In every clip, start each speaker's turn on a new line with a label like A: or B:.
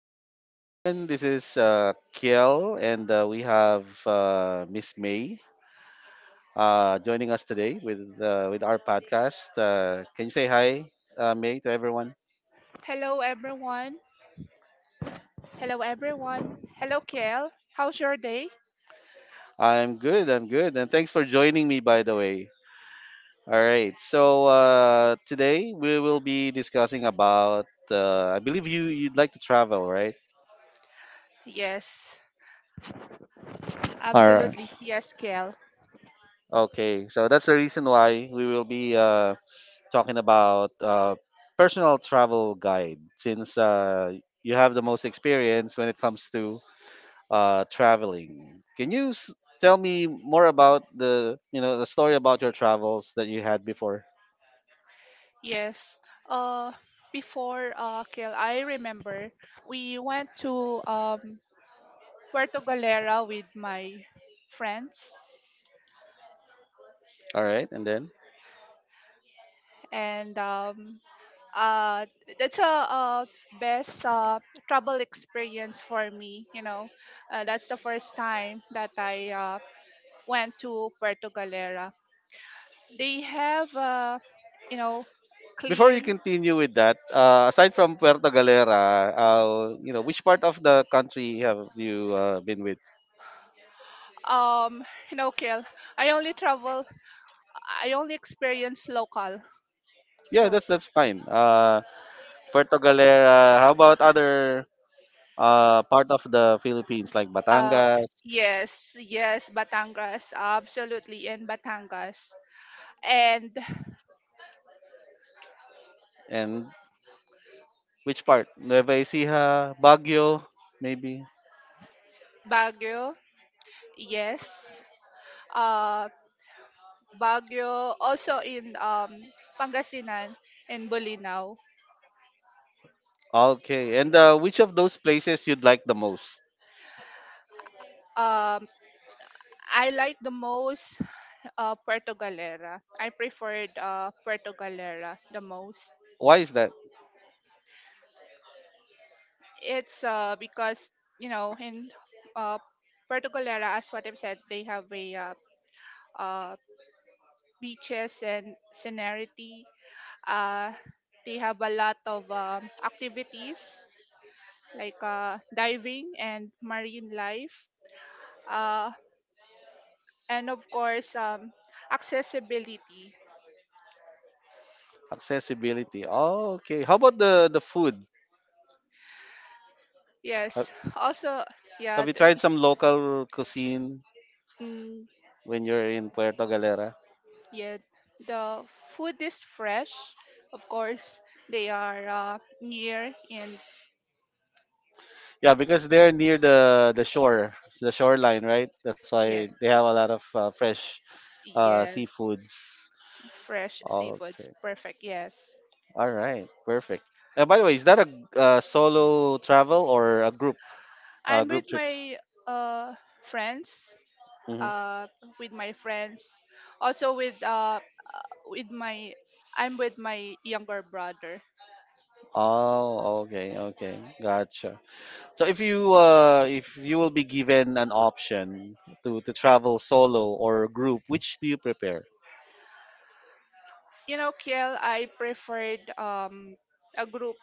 A: Good morning, everyone. This is Kiel, and we have Miss May joining us today with our podcast. Can you say hi, May, to everyone?
B: Hello everyone. Hello everyone. Hello Kel. How's your day?
A: I'm good. I'm good, and thanks for joining me, by the way. All right. So today we will be discussing about. I believe you'd like to travel, right?
B: Yes,
A: All
B: absolutely.
A: right.
B: Yes, Kel.
A: Okay, so that's the reason why we will be talking about personal travel guide since you have the most experience when it comes to traveling. Tell me more about the the story about your travels that you had before?
B: Yes. Uh before Kel, I remember we went to Puerto Galera with my friends
A: All right, and then
B: and uh that's best travel experience for me, you know. That's the first time that I went to Puerto Galera. They have you know
A: before you
B: clean.
A: continue with that, aside from Puerto Galera, you know which part of the country have you been with?
B: um you know. Kill, I only travel, I only experience local,
A: Yeah,
B: so
A: that's fine. Puerto Galera. How about other part of the Philippines like
B: uh
A: Batangas?
B: yes. Yes, Batangas, absolutely. In Batangas and
A: And which part? Nueva Ecija, Baguio, maybe.
B: Baguio, yes. uh Baguio also, in Pangasinan and Bolinao.
A: Okay. And which of those places you'd like the most?
B: um I like the most, Puerto Galera. I preferred Puerto Galera the most.
A: Why is that?
B: It's because you know in uh, Particolera, as what I've said, they have a uh, beaches and scenery. Uh, they have a lot of activities like diving and marine life, uh, and of course accessibility.
A: Accessibility. Oh, okay. How about the food? Have,
B: Yes. Also, yeah,
A: have you
B: th-
A: tried some local cuisine
B: mm,
A: when you're in Puerto Galera?
B: yeah. The food is fresh. Of course, they are near in.
A: Yeah, because they're near the shore, the shoreline, right? That's why
B: Yeah,
A: they have a lot of fresh
B: yes.
A: seafoods.
B: Fresh seafoods.
A: Okay.
B: Perfect. Yes.
A: All right. Perfect. By the way, is that a solo travel or a group?
B: I'm with
A: Group trips.
B: my uh friends.
A: Hmm.
B: Uh with my friends. Also with my I'm with my younger brother.
A: Oh, okay, okay, gotcha. So if you will be given an option to travel solo or group, which do you prepare?
B: You know, Kiel, I preferred a group.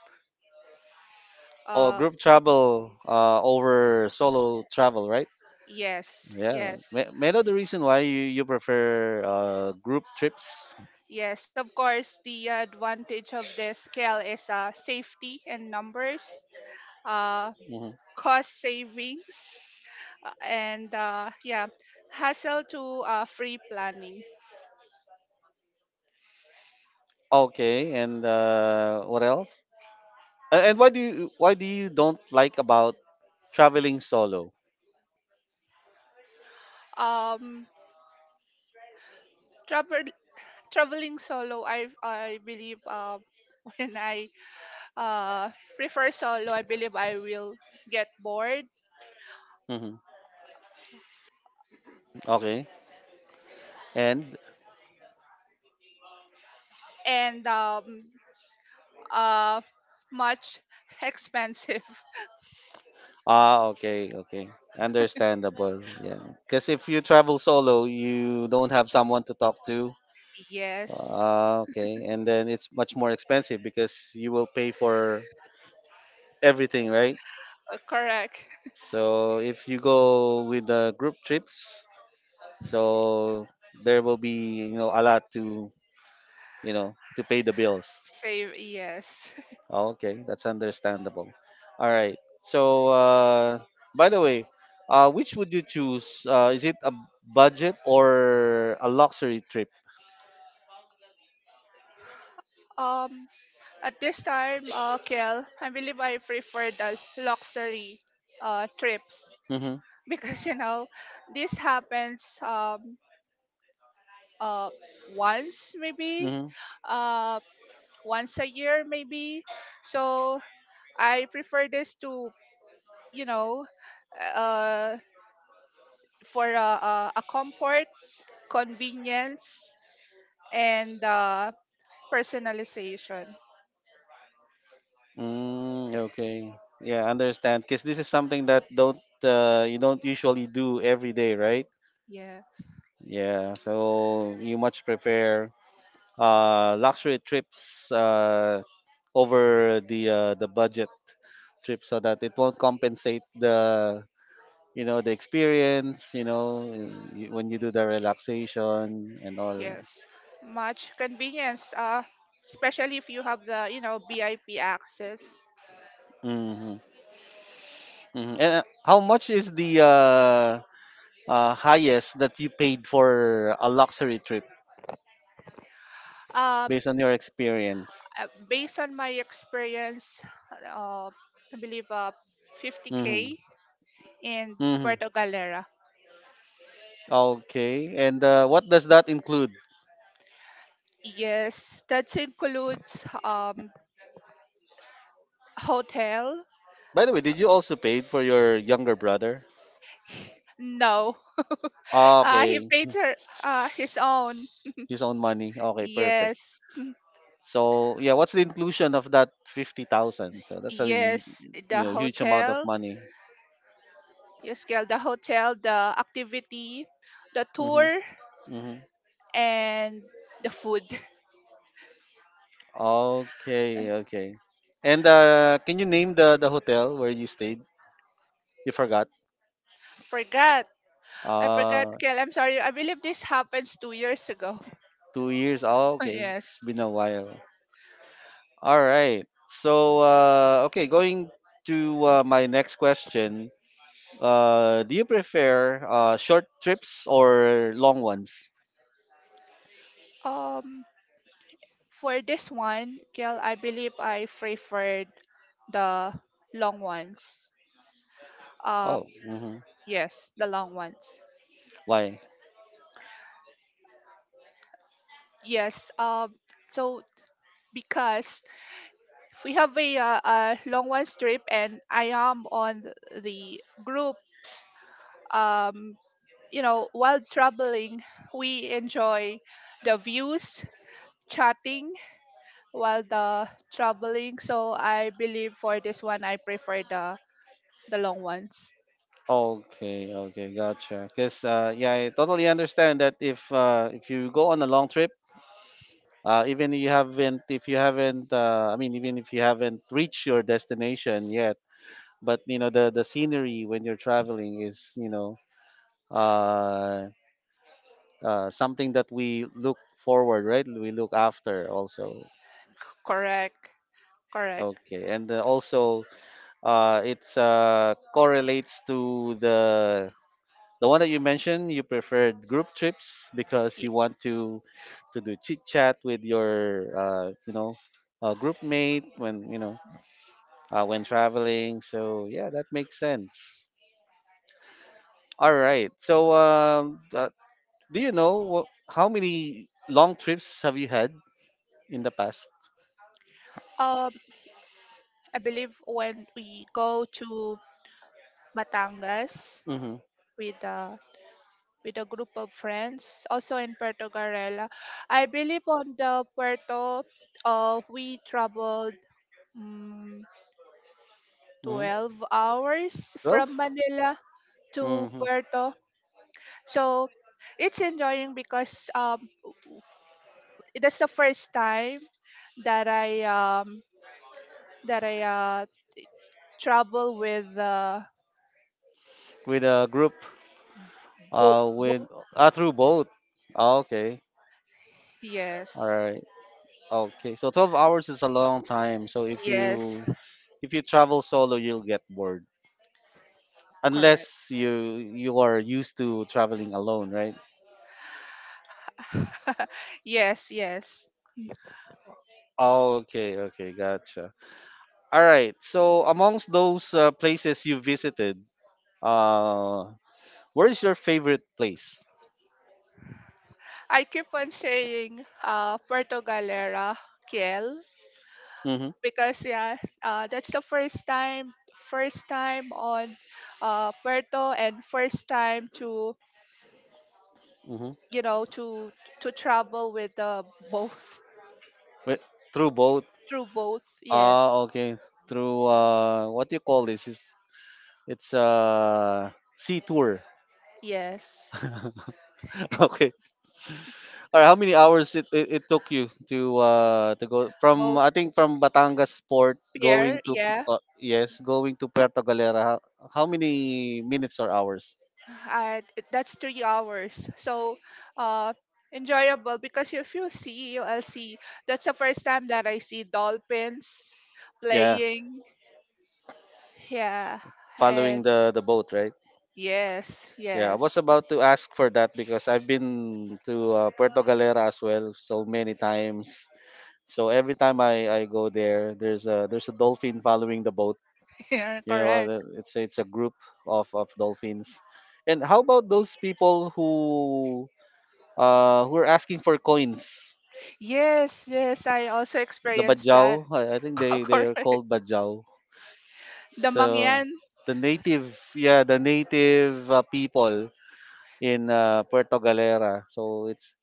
A: Oh,
B: Uh
A: group travel over solo travel, right?
B: yes,
A: Yeah.
B: yes.
A: May I know the reason why you prefer group trips?
B: Yes, of course, the advantage of this, Kiel, is safety and numbers. Uh
A: Hmm.
B: cost savings, and yeah, hassle to free planning.
A: Okay, and uh, what else? And why do you don't like about traveling solo?
B: Um, travel traveling solo, I believe when I uh, prefer solo, I believe I will get bored
A: Hmm. Okay. And
B: and uh, much expensive.
A: ah, okay, okay. Understandable. Yeah. Because if you travel solo, you don't have someone to talk to.
B: Yes,
A: Ah, okay. And then it's much more expensive because you will pay for everything, right?
B: correct.
A: So if you go with the group trips, so there will be, you know, a lot to, you know, to pay the bills.
B: Save, yes.
A: Okay, that's understandable. All right. So, by the way, which would you choose? Is it a budget or a luxury trip?
B: Um, at this time, Kel, I believe I prefer the luxury trips
A: Mm-hmm.
B: because you know this happens uh once maybe,
A: Mm-hmm.
B: uh once a year maybe, so I prefer this to, you know, uh for a comfort, convenience, and personalization.
A: Mm, okay. Yeah, I understand. Because this is something that don't you don't usually do every day, right?
B: Yeah,
A: Yeah. So you much prefer luxury trips over the budget trip so that it won't compensate the experience you know and when you do the relaxation and all.
B: yes, much convenience, especially if you have the, you know, VIP access.
A: Hmm. Hmm. And how much is the highest that you paid for a luxury trip
B: Uh.
A: based on your experience?
B: Based on my experience, uh, I believe
A: Hmm.
B: 50K in
A: Hmm.
B: Puerto Galera.
A: Okay, and what does that include?
B: Yes, that includes hotel.
A: By the way, did you also pay for your younger brother?
B: No, he
A: Okay.
B: paid her, his own.
A: His own money, okay, perfect.
B: Yes,
A: So yeah, what's the inclusion of that 50,000? So that's
B: yes,
A: you
B: the
A: know huge amount of
B: hotel.
A: money.
B: Yes, girl, the hotel, the activity, the
A: Mm-hmm.
B: tour,
A: Mm-hmm.
B: and the food.
A: Okay,
B: I
A: okay. And can you name the hotel where you stayed? You forgot.
B: forgot. I forgot,
A: Uh,
B: Kel. I'm sorry. I believe this happens 2 years ago.
A: 2 years. Oh, okay. It's
B: yes.
A: been a while. All right. So, okay, going to my next question. Do you prefer short trips or long ones?
B: Um, for this one, Kel, I believe I preferred the long ones. Uh,
A: Oh, mm-hmm.
B: yes, the long ones.
A: Why?
B: Yes. So because if we have a long one trip and I am on the groups, um, you know, while traveling, we enjoy the views, chatting while the traveling. So I believe for this one, I prefer the long ones.
A: Okay, okay, gotcha. Because yeah, I totally understand that if you go on a long trip, even you haven't if you haven't even if you haven't reached your destination yet but you know the scenery when you're traveling is you know uh, something that we look forward right we look after also.
B: Correct. Correct.
A: Okay, and also it's correlates to the one that you mentioned you preferred group trips because
B: Y-
A: you want to do chit chat with your you know group mate when you know when traveling. So yeah, that makes sense. All right. So do you know how many long trips have you had in the past?
B: Um, I believe when we go to Matangas
A: Mm-hmm.
B: with a group of friends, also in Puerto Garela, I believe on the Puerto, we traveled um,
A: Mm-hmm.
B: 12 hours
A: 12.
B: from Manila to
A: Mm-hmm.
B: Puerto. So it's enjoying because that's the first time that I that I uh travel with
A: With a group.
B: boat.
A: With through boat. Oh, okay. All
B: Yes.
A: right. Okay. So 12 hours is a long time. So if
B: Yes.
A: you if you travel solo, you'll get bored.
B: Correct.
A: Unless you are used to traveling alone, right?
B: yes. Yes.
A: Ah, okay, okay, gotcha. All right. So amongst those places you visited, uh, where is your favorite place?
B: I keep on saying Puerto Galera, Kiel,
A: Mm-hmm.
B: because yeah, that's the first time on Puerto, and first time to,
A: Mm-hmm.
B: you know, to travel with both,
A: Wait, through boat.
B: through both. Yes,
A: Ah, okay. Through what do you call this? It's sea tour.
B: yes,
A: okay. All right. How many hours it took you to go from
B: both
A: I think from Batangas Port going
B: pier.
A: to
B: Yeah,
A: Puerto Galera? How many minutes or hours?
B: uh, that's 3 hours. So, uh, enjoyable because if you see ULC, that's the first time that I see dolphins
A: Yeah,
B: playing. Yeah,
A: following
B: and
A: the boat, right?
B: yes,
A: Yeah, I was
B: yes,
A: about to ask for that because I've been to Puerto Galera as well so many times. So every time I go there, there's a dolphin following the boat.
B: yeah,
A: You know, uh,
B: correct.
A: the- it's a- it's a group of dolphins. And how about those people who are asking for coins?
B: Yes, yes, I also
A: The
B: experienced that.
A: bajau, I think they are
B: correct.
A: called bajau. So
B: Damangyan.
A: the native, yeah, the native people in Puerto Galera. So it's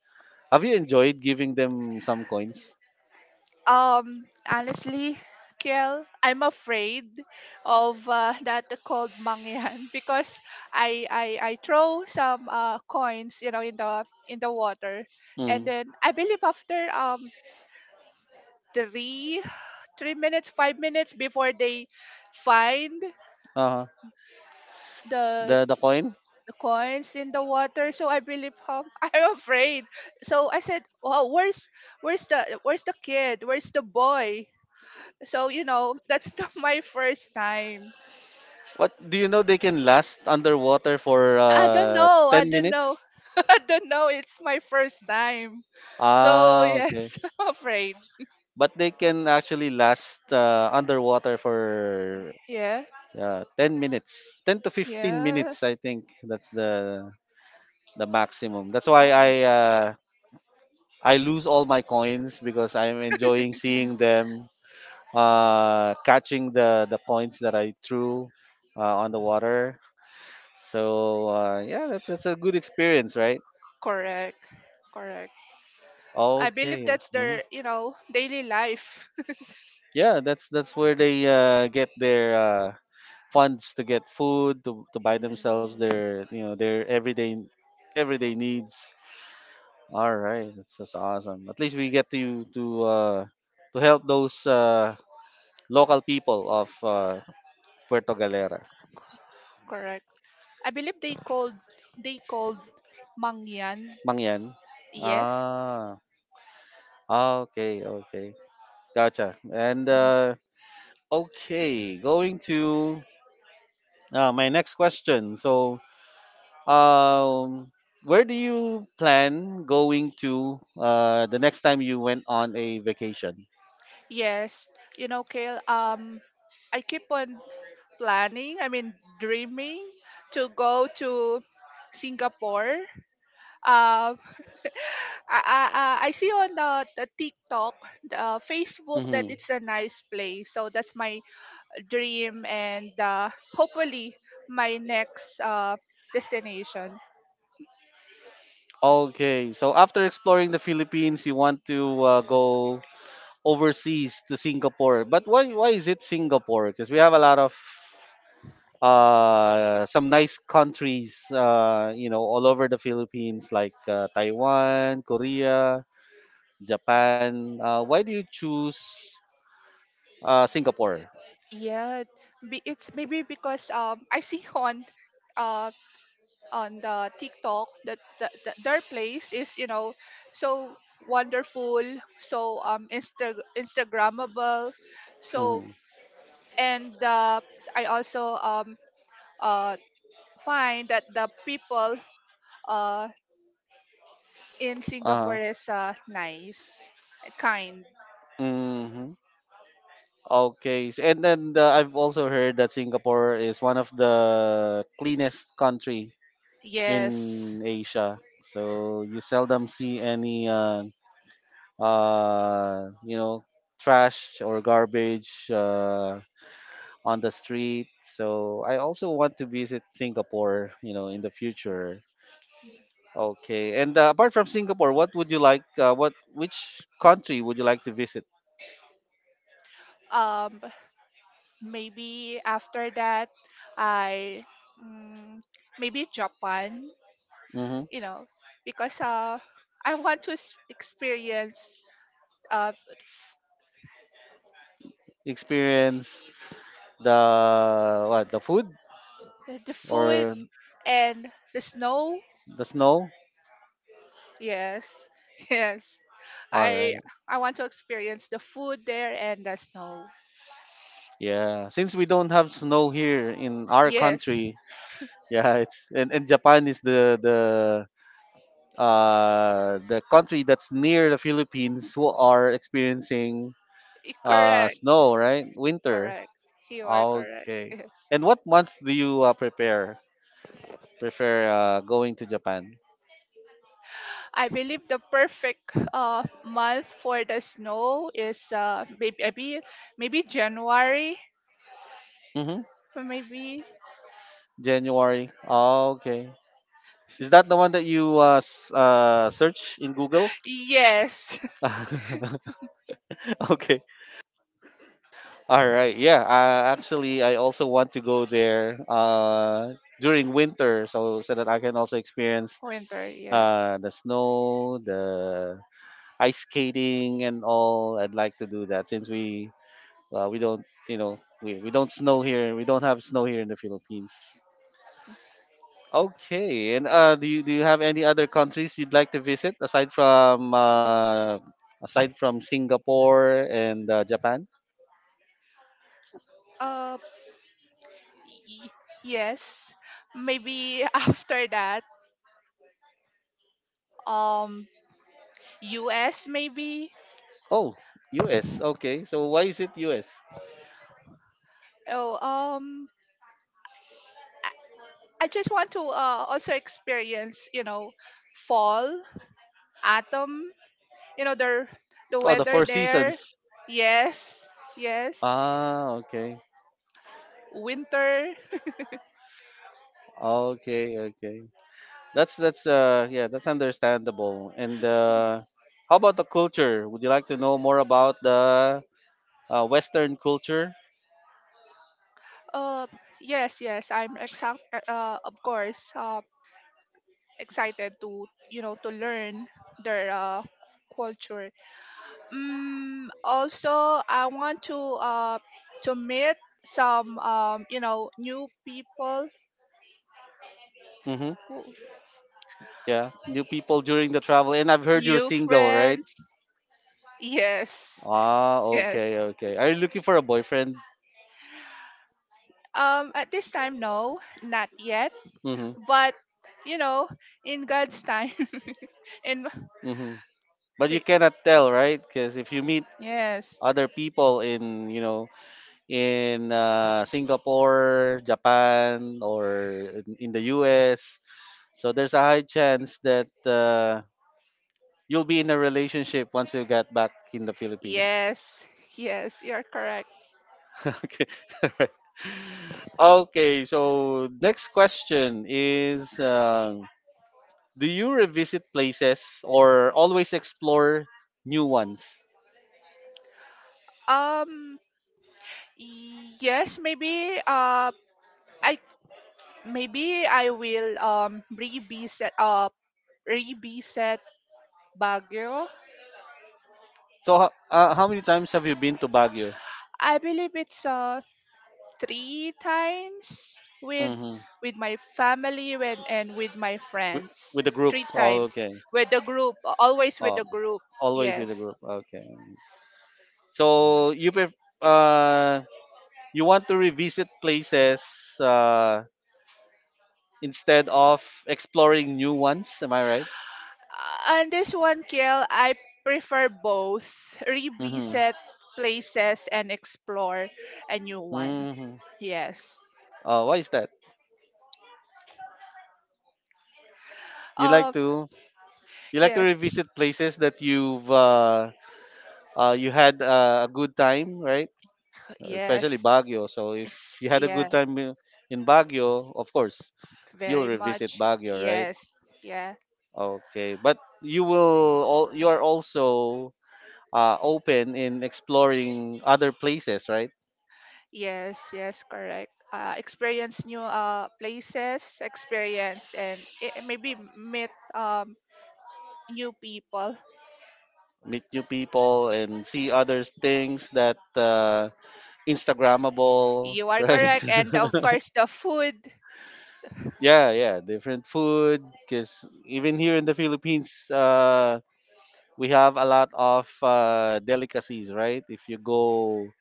A: have you enjoyed giving them some coins?
B: Honestly, Kel, I'm afraid of that called mangyan because I throw some coins, you know, in the water, and
A: Mm.
B: then I believe after three three minutes, 5 minutes before they find
A: Uh-huh.
B: the
A: The coin.
B: the coins in the water. So I believe, I'm afraid. So I said, wow, where's the kid, where's the boy? So, you know, that's the, my first time.
A: What do you know? They can last underwater for
B: I don't know. I
A: ten
B: don't know.
A: minutes.
B: I don't know. It's my first time. So,
A: Ah, okay.
B: yes, I'm afraid.
A: But they can actually last underwater for
B: Yeah.
A: 10 minutes, ten to fifteen
B: Yeah.
A: minutes. I think that's the maximum. That's why
B: Oh,
A: I lose all my coins because I'm enjoying seeing them catching the coins that I threw on the water. So yeah, that's a good experience, right?
B: correct. Correct. I believe
A: Okay.
B: that's
A: Mhm.
B: their, you know, daily life.
A: Yeah, that's where they get their funds to get food to buy themselves
B: Mm.
A: their you know their everyday needs. All right, that's just awesome. At least we get to to help those local people of Puerto Galera.
B: Correct. I believe they called, they called mangyan.
A: Mangyan.
B: Yes.
A: Ah, ah, okay, okay, gotcha. And
B: Mhm.
A: okay, going to my next question. So, um, where do you plan going to the next time you went on a vacation?
B: Yes. You know, Kale, I keep on planning, I mean, dreaming to go to Singapore. Uh, I see on the TikTok, the Facebook, that
A: Hmm.
B: it's a nice place. So that's my dream, and hopefully my next destination.
A: Okay, so after exploring the Philippines, you want to go overseas to Singapore. But why is it Singapore? Because we have a lot of some nice countries, you know, all over the Philippines, like Taiwan, Korea, Japan. Why do you choose Singapore?
B: Yeah, it's maybe because I see uh, on the TikTok that, that their place is, you know, so wonderful, so Insta Instagrammable, so,
A: Mm-hmm.
B: and I also uh find that the people uh in Singapore
A: Uh-huh.
B: is nice, kind.
A: Mm-hmm. Okay. And then I've also heard that Singapore is one of the cleanest country
B: Yes.
A: in Asia. So you seldom see any uh you know trash or garbage on the street. So I also want to visit Singapore, you know, in the future. Okay. And apart from Singapore, what would you like what which country would you like to visit?
B: Um maybe after that, I mm, maybe Japan,
A: Mm-hmm.
B: you know, because I want to experience uh,
A: Experience the what? The food
B: the food
A: or
B: and the snow.
A: the snow?
B: Yes, yes.
A: All
B: I
A: right.
B: I want to experience the food there and the snow.
A: Yeah. Since we don't have snow here in our
B: Yes,
A: country, yeah, it's and Japan is the country that's near the Philippines who are experiencing
B: correct,
A: snow, right? Winter.
B: correct. You are correct.
A: Okay.
B: Yes,
A: And what month do you prepare prefer going to Japan?
B: I believe the perfect month for the snow is maybe January,
A: Mm-hmm.
B: maybe.
A: January. Oh, okay. Is that the one that you search in Google?
B: Yes,
A: Okay. All right. Yeah. Actually, I also want to go there during winter, so so that I can also experience
B: winter. Yeah.
A: the snow, the ice skating, and all. I'd like to do that since we don't snow here. We don't have snow here in the Philippines. Okay. And do you have any other countries you'd like to visit aside from Singapore and Japan?
B: Uh, Y- yes, maybe after that, um US maybe.
A: Oh, US. Okay. So why is it US?
B: oh um I just want to, also experience, you know, fall, autumn, you know, the
A: Oh, the
B: weather
A: Four
B: there,
A: Seasons.
B: yes, yes,
A: Ah, okay.
B: winter.
A: Okay, okay. That's yeah, that's understandable. And how about the culture? Would you like to know more about the western culture?
B: uh yes, yes, I'm exact of course, excited to, you know, to learn their culture. Mm, also, I want to meet some you know, new people,
A: Mhm.
B: who-
A: Yeah. New people during the travel and I've heard you're
B: new
A: single, right?
B: friends. Yes,
A: Ah,
B: yes.
A: okay, okay. Are you looking for a boyfriend?
B: At this time, no, not yet.
A: Mhm.
B: But you know, in God's time, and
A: Mhm. But you
B: wait,
A: cannot tell, right? Cuz if you meet
B: yes,
A: other people in, you know, in Singapore, Japan, or in the US. So there's a high chance that you'll be in a relationship once you get back in the Philippines.
B: yes, yes. You're correct.
A: okay. Alright. Okay. So next question is: do you revisit places or always explore new ones?
B: Um, yes, maybe. I Maybe I will revisit Baguio.
A: So how many times have you been to Baguio?
B: I believe it's 3 times with
A: Hmm.
B: my family, when, and with my
A: With,
B: friends.
A: with the group.
B: Three
A: Oh,
B: times
A: okay.
B: with the group, always with
A: Oh,
B: the group.
A: always with the
B: Yes.
A: group. Okay. So uh you want to revisit places uh instead of exploring new ones. Am I right?
B: On this one, Kiel, I prefer both:
A: Mm-hmm.
B: revisit places and explore a new one.
A: Mm-hmm.
B: Yes.
A: Why is that? You
B: Uh
A: like to you like to
B: yes.
A: revisit places that you've you had a good time, right? Especially
B: Yes.
A: Baguio. So if you had a good
B: Yes.
A: time in Baguio, of course you'll
B: Very
A: revisit
B: much.
A: Baguio, right?
B: Yes. Yeah.
A: Okay, but you will all you are also open in exploring other places, right?
B: Yes. Yes. Correct. Experience new places, experience, and maybe meet new people.
A: Meet new people and see other things that Instagrammable,
B: You are
A: right?
B: correct. And of course, the food.
A: Yeah, yeah, different food. Because even here in the Philippines, we have a lot of delicacies, right? If you go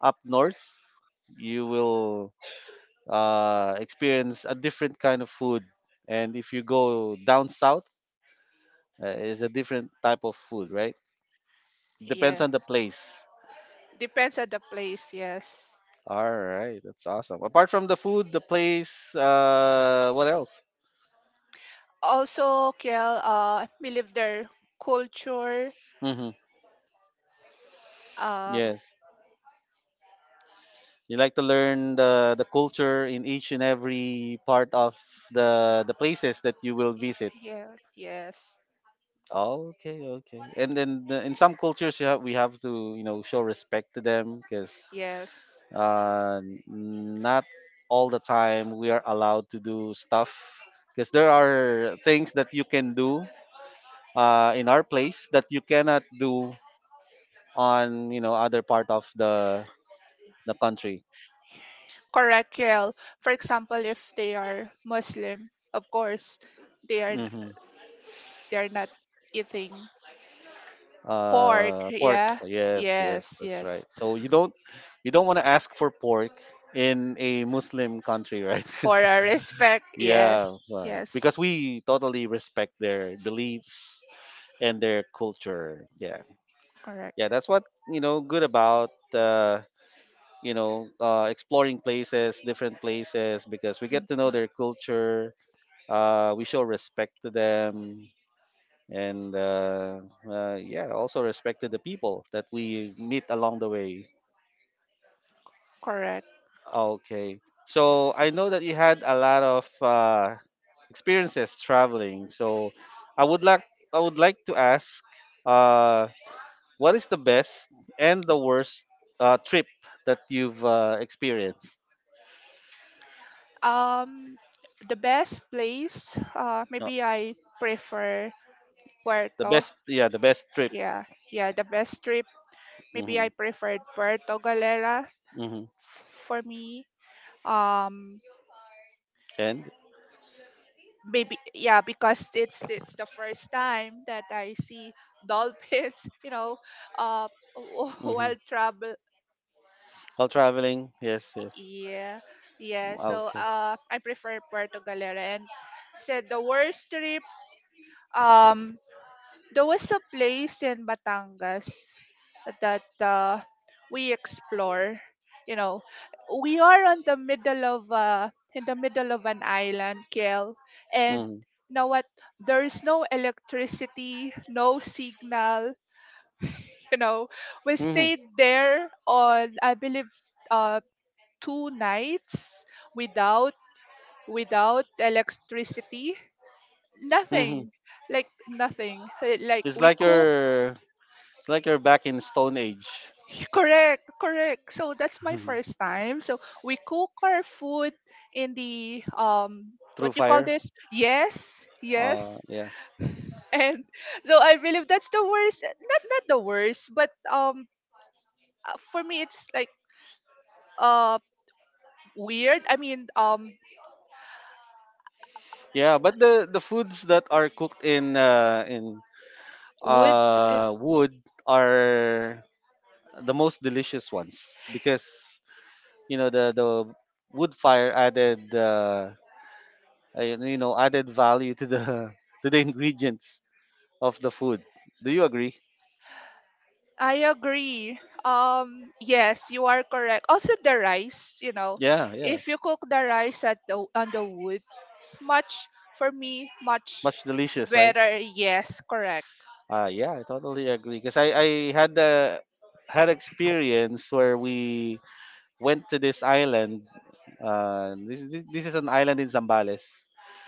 A: up north, you will experience a different kind of food, and if you go down south, is a different type of food, right? Depends
B: Yeah.
A: on the place.
B: Depends on the place. Yes.
A: All right, that's awesome. Apart from the food, the place, what else?
B: Also, Kiel, believe their culture.
A: Hmm.
B: Um,
A: Yes, you like to learn the culture in each and every part of the places that you will visit.
B: yeah. Yes.
A: Okay, okay. And then in some cultures, you have, we have to show respect to them because
B: Yes.
A: uh, not all the time we are allowed to do stuff because there are things that you can do in our place that you cannot do on other part of the country.
B: Correct, Kiel. For example, if they are Muslim, of course, they are,
A: Hmm.
B: they're not eating pork.
A: Pork.
B: Yeah.
A: Yes, yes,
B: Yes.
A: that's right.
B: Yes.
A: So you don't want to ask for pork in a Muslim country, right?
B: For our respect.
A: Yeah,
B: Yes.
A: well,
B: Yes.
A: because we totally respect their beliefs and their culture. Yeah,
B: Correct.
A: yeah, that's what good about. Exploring places, different places, because we
B: Mm,
A: get to know their culture, we show respect to them and yeah, also respect to the people that we meet along the way.
B: correct.
A: Okay, so I know that you had a lot of experiences traveling, so i would like I would like to ask, uh, what is the best and the worst trip that you've experienced?
B: Um, the best place.
A: No,
B: Maybe I prefer
A: the
B: Puerto.
A: best, yeah, the best trip.
B: Yeah. Yeah. The best trip. Maybe
A: Hmm.
B: I preferred Puerto Galera
A: Hmm.
B: for me. Um.
A: And.
B: Maybe, yeah, because it's the first time that I see dolphins, you know, uh,
A: Hmm.
B: while travel.
A: While traveling, yes, yes.
B: Yeah, yeah. So
A: Okay.
B: I prefer Puerto Galera. And said the worst trip. Um, there was a place in Batangas that we explore. You know, we are on the middle of in the middle of an island, Kel, and
A: Mm-hmm.
B: you know what? There is no electricity, no signal. You know, we
A: Hmm.
B: stayed there on I believe uh 2 nights without, without electricity,
A: Hmm.
B: nothing, like nothing. Like
A: It's
B: we
A: like
B: cook.
A: you're it's like you're back in Stone Age.
B: Correct, so that's my first time, so we cook our food in the what
A: Through
B: you call
A: fire.
B: this, yes,
A: Uh,
B: yes,
A: yeah.
B: and so I believe that's the worst, not, not the worst, but for me it's like uh weird, I mean,
A: Yeah, but the foods that are cooked in
B: wood.
A: wood are the most delicious ones because the wood fire added added value to the to the ingredients of the food. Do you agree?
B: I agree. Yes, you are correct. Also, the rice, you know,
A: Yeah, yeah.
B: if you cook the rice at the, on the wood, it's much, for me, much
A: Much delicious, right?
B: better. Yes, correct.
A: Yeah, I totally agree. Because I had a had experience where we went to this island. This is an island in Zambales.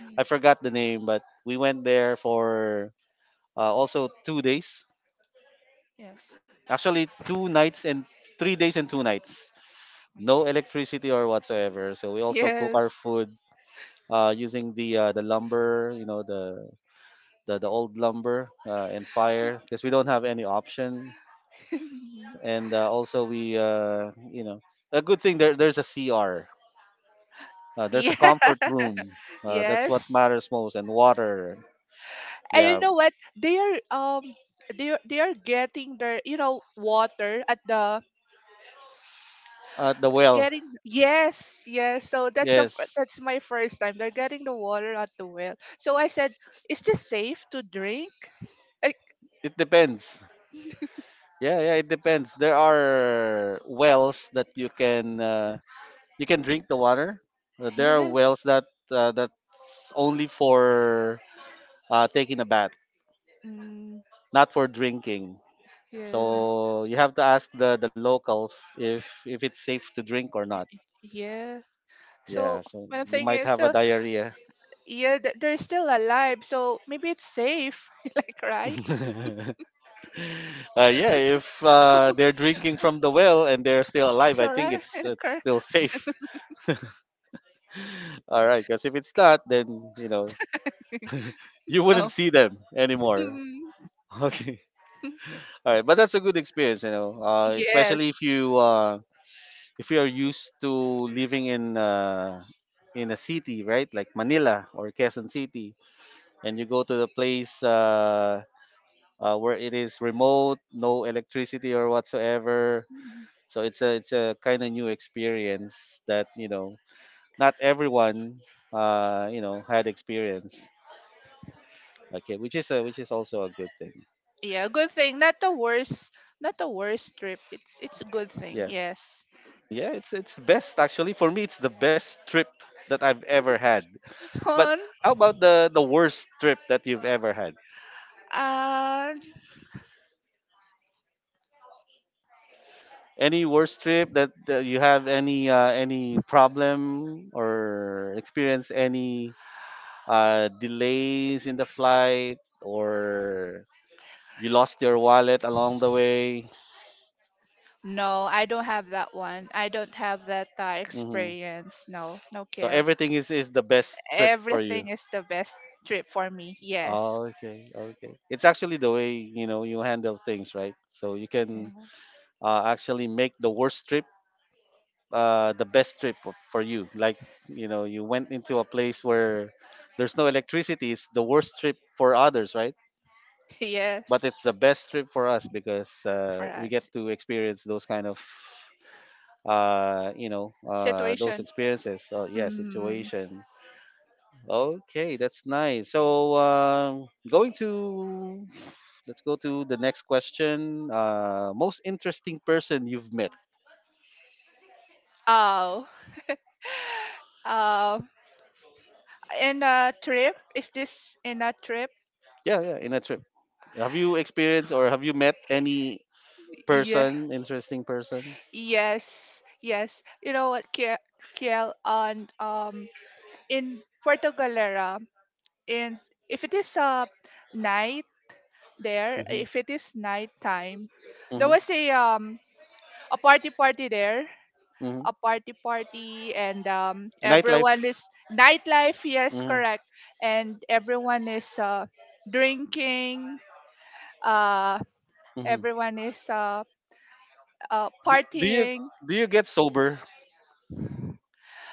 B: Mm,
A: I forgot the name, but we went there for also two days.
B: yes,
A: Actually, two nights and three days and two nights. No electricity or whatsoever. So we also cook our
B: yes,
A: food using the lumber, you know, the the old lumber and fire because we don't have any option. And also we a good thing there, there's a
B: yeah,
A: comfort room that's what
B: yes.
A: matters most, and water.
B: And you
A: Yeah,
B: know what? They are they are, they are getting their, you know, water at the,
A: at the well.
B: getting, yes, yes, so that's the
A: Yes,
B: that's my first time, they're getting the water at the well. So I said, is this safe to drink? Like,
A: it depends. Yeah, yeah, it depends. There are wells that you can drink the water. There are
B: yeah.
A: wells that that's only for taking a bath,
B: Mm,
A: not for drinking.
B: yeah,
A: So you have to ask the locals if it's safe to drink or not.
B: yeah.
A: Yeah,
B: So
A: so
B: my
A: you
B: thing
A: might
B: is,
A: have a
B: so,
A: diarrhea.
B: yeah, they're still alive, so maybe it's safe. Like, right,
A: Uh, yeah, if they're drinking from the well and they're still alive, I
B: so
A: think
B: like,
A: it's
B: cor-
A: still safe. All right, because if it's not, then you know you
B: no.
A: wouldn't see them anymore. Okay. All right, but that's a good experience, you know, especially
B: yes.
A: if you are used to living in a city, right, like Manila or Quezon City, and you go to the place. Where it is remote, no electricity or whatsoever.
B: Mhm.
A: So it's a kind of new experience that not everyone had experience. Okay, which is a, which is also a good thing.
B: Yeah, good thing, not the worst, not the worst trip, it's a good thing,
A: Yeah,
B: yes.
A: yeah, it's the best actually for me. It's the best trip that I've ever had. But
B: on
A: how about the worst trip that you've ever had?
B: uh
A: Any worst trip that, that you have any problem or experience any delays in the flight, or you lost your wallet along the way.
B: no, I don't have that one. I don't have that
A: Hmm.
B: experience. No, no,
A: So
B: Kill.
A: everything is the best trip for you.
B: Everything is the best trip for me. Yes.
A: Oh, okay, okay. It's actually the way you handle things, right? So you
B: Yeah.
A: can actually make the worst trip the best trip for you. Like you know, you went into a place where there's no electricity. It's the worst trip for others, right? But
B: yes,
A: it's the best trip for us because
B: for
A: we get
B: us.
A: to experience those kind of those
B: Situation.
A: experiences. So yeah,
B: Mm.
A: situation. Okay, that's nice. So going to let's go to the next question. Most interesting person you've met?
B: Oh. Uh, in a trip? Is this in a trip?
A: Yeah, yeah, in a trip. Have you experienced or have you met any
B: Yeah.
A: person, interesting person?
B: Yes. Yes. You know what, Kiel, Kiel on in Puerto Galera, in, if it is a night there,
A: Mm-hmm,
B: if it is nighttime. There
A: mm-hmm,
B: was a party, party there,
A: mm-hmm.
B: a party, party, and everyone
A: Nightlife.
B: is nightlife. Yes,
A: Mm-hmm,
B: correct. And everyone is drinking. Uh,
A: mm-hmm.
B: everyone is
A: Do, do you
B: partying.
A: do you get sober?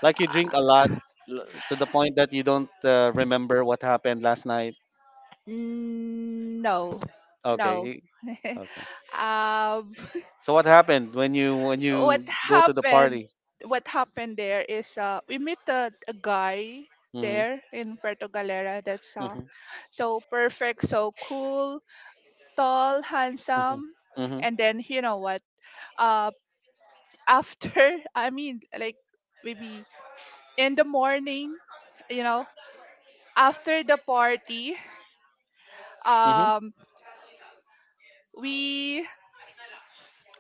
A: Like you drink a lot to the point that you don't remember what happened last night?
B: Mm, no,
A: Okay.
B: no.
A: Okay.
B: um,
A: So what happened when
B: what
A: you go to the
B: happened?
A: party?
B: What happened there is, we met a guy
A: Mhm.
B: there in Puerto Galera. That's
A: Mhm.
B: so perfect, so cool, tall,
A: Mhm.
B: handsome.
A: Mhm.
B: And then you know what? Uh after I mean, like, maybe in the morning, you know, after the party,
A: Mhm.
B: um we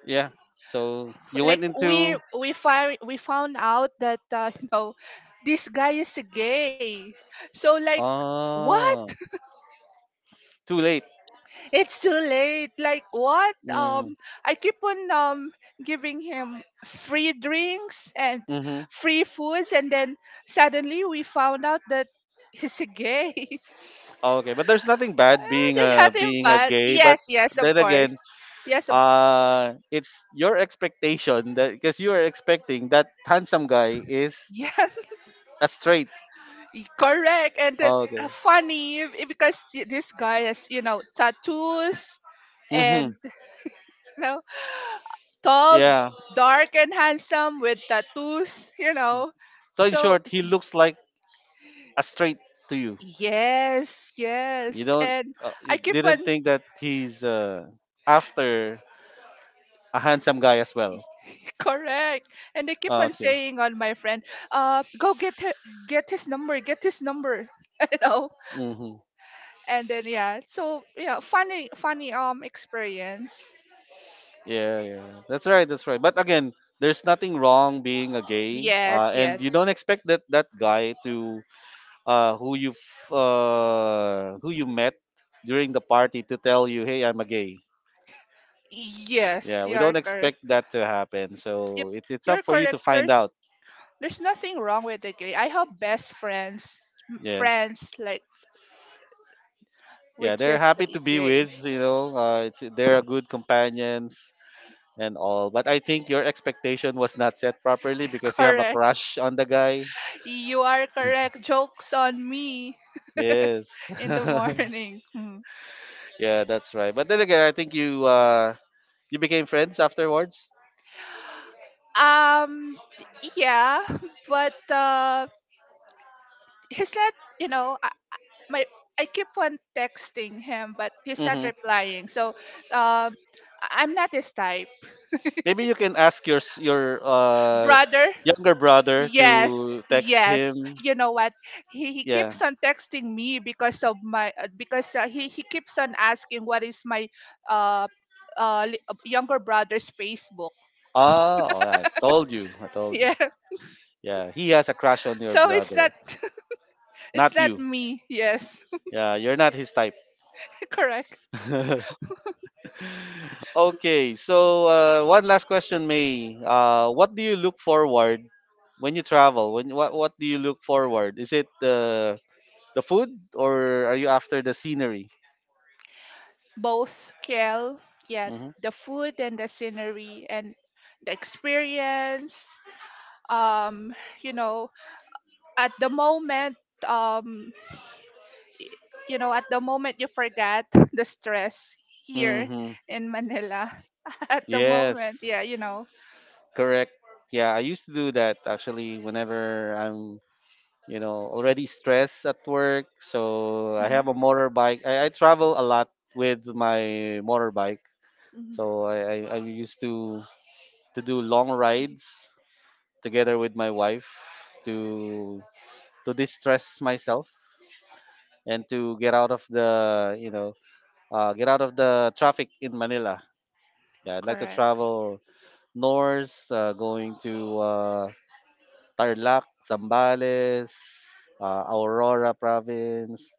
A: Yeah. So you
B: like
A: went into.
B: we found out that, you know, this guy is gay. So like what?
A: Oh, too late.
B: It's too late. Like what?
A: Mhm.
B: I keep on giving him free drinks and
A: Mhm.
B: free foods, and then suddenly we found out that he's a gay.
A: Okay, but there's nothing bad
B: Eh,
A: being
B: there's
A: a
B: nothing
A: being a
B: bad.
A: gay, but
B: Yes, yes, of
A: then
B: course.
A: again,
B: Yes, of,
A: it's your expectation that because you are expecting that handsome guy is
B: yes,
A: a straight.
B: correct. And that's
A: Okay.
B: funny, eh, because this guy has, you know, tattoos
A: Mhm.
B: and, you know, tall,
A: Yeah.
B: dark, and handsome with tattoos. You know,
A: So in
B: so,
A: short, he looks like a straight to you.
B: yes,
A: You
B: yes.
A: don't
B: And I
A: you
B: keep
A: didn't
B: on
A: think that he's after a handsome guy as well.
B: correct. And they keep
A: Ah,
B: on
A: okay.
B: saying on my friend, go get her, get his number, You know?
A: Mm-hmm.
B: And then yeah. So yeah, funny experience.
A: Yeah, yeah, yeah. That's right. That's right. But again, there's nothing wrong being a gay,
B: Yes,
A: and you
B: yes.
A: don't expect that that guy to uh, who you who you met during the party to tell you, "Hey, I'm a gay." Yeah,
B: Yes,
A: we
B: you're
A: don't
B: correct.
A: expect that to happen.
B: Yep,
A: So it's up
B: you're
A: for you to
B: correct.
A: find
B: There's
A: out.
B: there's nothing wrong with the gay. I have best friends,
A: Yes.
B: friends like,
A: Yeah,
B: which
A: they're
B: is
A: happy to be
B: gay.
A: with. You know, it's they're a good companions. And all. But I think your expectation was not set properly because you have a
B: correct.
A: crush on the guy.
B: You are correct. Jokes on me
A: Yes.
B: in the morning. Hmm.
A: Yeah, that's right. But then again, I think you you became friends afterwards.
B: Um, yeah, but he's not. You know, I- my I keep on texting him, but he's not
A: Mm-hmm.
B: replying. So, um, I'm not his type,
A: Maybe you can ask your your
B: brother.
A: younger brother to
B: Yes,
A: text
B: yes.
A: him.
B: You know what? He
A: Yeah.
B: keeps on texting me because of my because he keeps on asking what is my uh younger brother's Facebook.
A: Ah, oh, I told you. I told you.
B: Yeah.
A: Yeah, he has a crush on your
B: So it's not,
A: brother,
B: it's
A: not
B: not
A: you.
B: me. Yes.
A: Yeah, you're not his type.
B: correct.
A: Okay, so one last question, May. What do you look forward when you travel? When what do you look forward? Is it the food, or are you after the scenery?
B: Both, Kiel, yeah,
A: Mm-hmm.
B: the food and the scenery and the experience. Um, you know, at the moment, um y- you know, at the moment you forget the stress here
A: Mm-hmm.
B: in Manila. At the moment,
A: Yes,
B: yeah, you know.
A: correct. Yeah, I used to do that actually whenever I'm, you know, already stressed at work. So I have a
B: Mhm,
A: motorbike. I travel a lot with my motorbike.
B: mhm,
A: So I used to do long rides together with my wife to to distress myself and to get out of the get out of the traffic in Manila. Yeah, I'd like to
B: correct.
A: travel north, going to Tarlac, Zambales, Aurora province,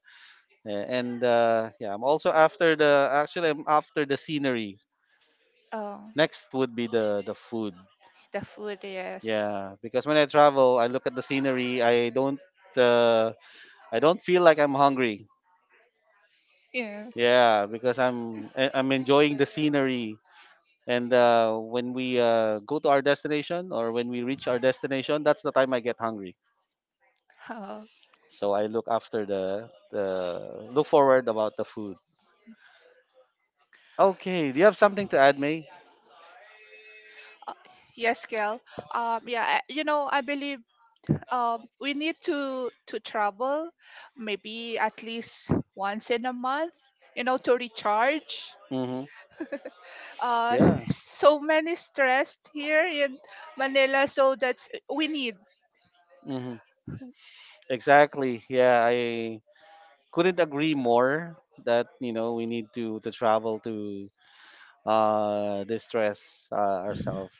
A: and yeah, I'm also after the actually I'm after the scenery.
B: Oh,
A: Next would be the food.
B: the food, yes.
A: Yeah, because when I travel, I look at the scenery. I don't. Uh, I don't feel like I'm hungry.
B: Yes.
A: Yeah, because I'm enjoying the scenery. And when we go to our destination, or when we reach our destination, that's the time I get hungry.
B: Oh.
A: So I look after the look forward about the food. Okay, do you have something to add, May?
B: Yes, Kel. Yeah, you know, I believe we need to travel, maybe at least once in a month, you know, to recharge,
A: Mm-hmm.
B: uh
A: Yeah.
B: so many stressed here in Manila, so that's, we need.
A: Mm-hmm. Exactly. Yeah, I couldn't agree more that we need to travel to distress ourselves.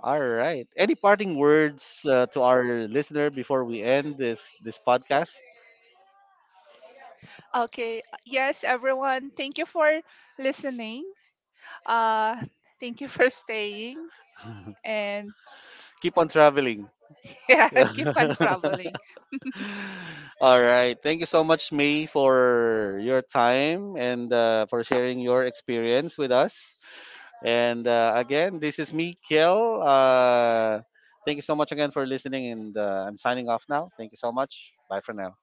A: All right. Any parting words to our listener before we end this podcast?
B: Okay, yes, everyone, thank you for listening, uh thank you for staying, and
A: Keep on traveling.
B: yeah, keep on traveling.
A: All right. Thank you so much, May, for your time and for sharing your experience with us. And again, this is me, Kiel. Thank you so much again for listening, and I'm signing off now. Thank you so much. Bye for now.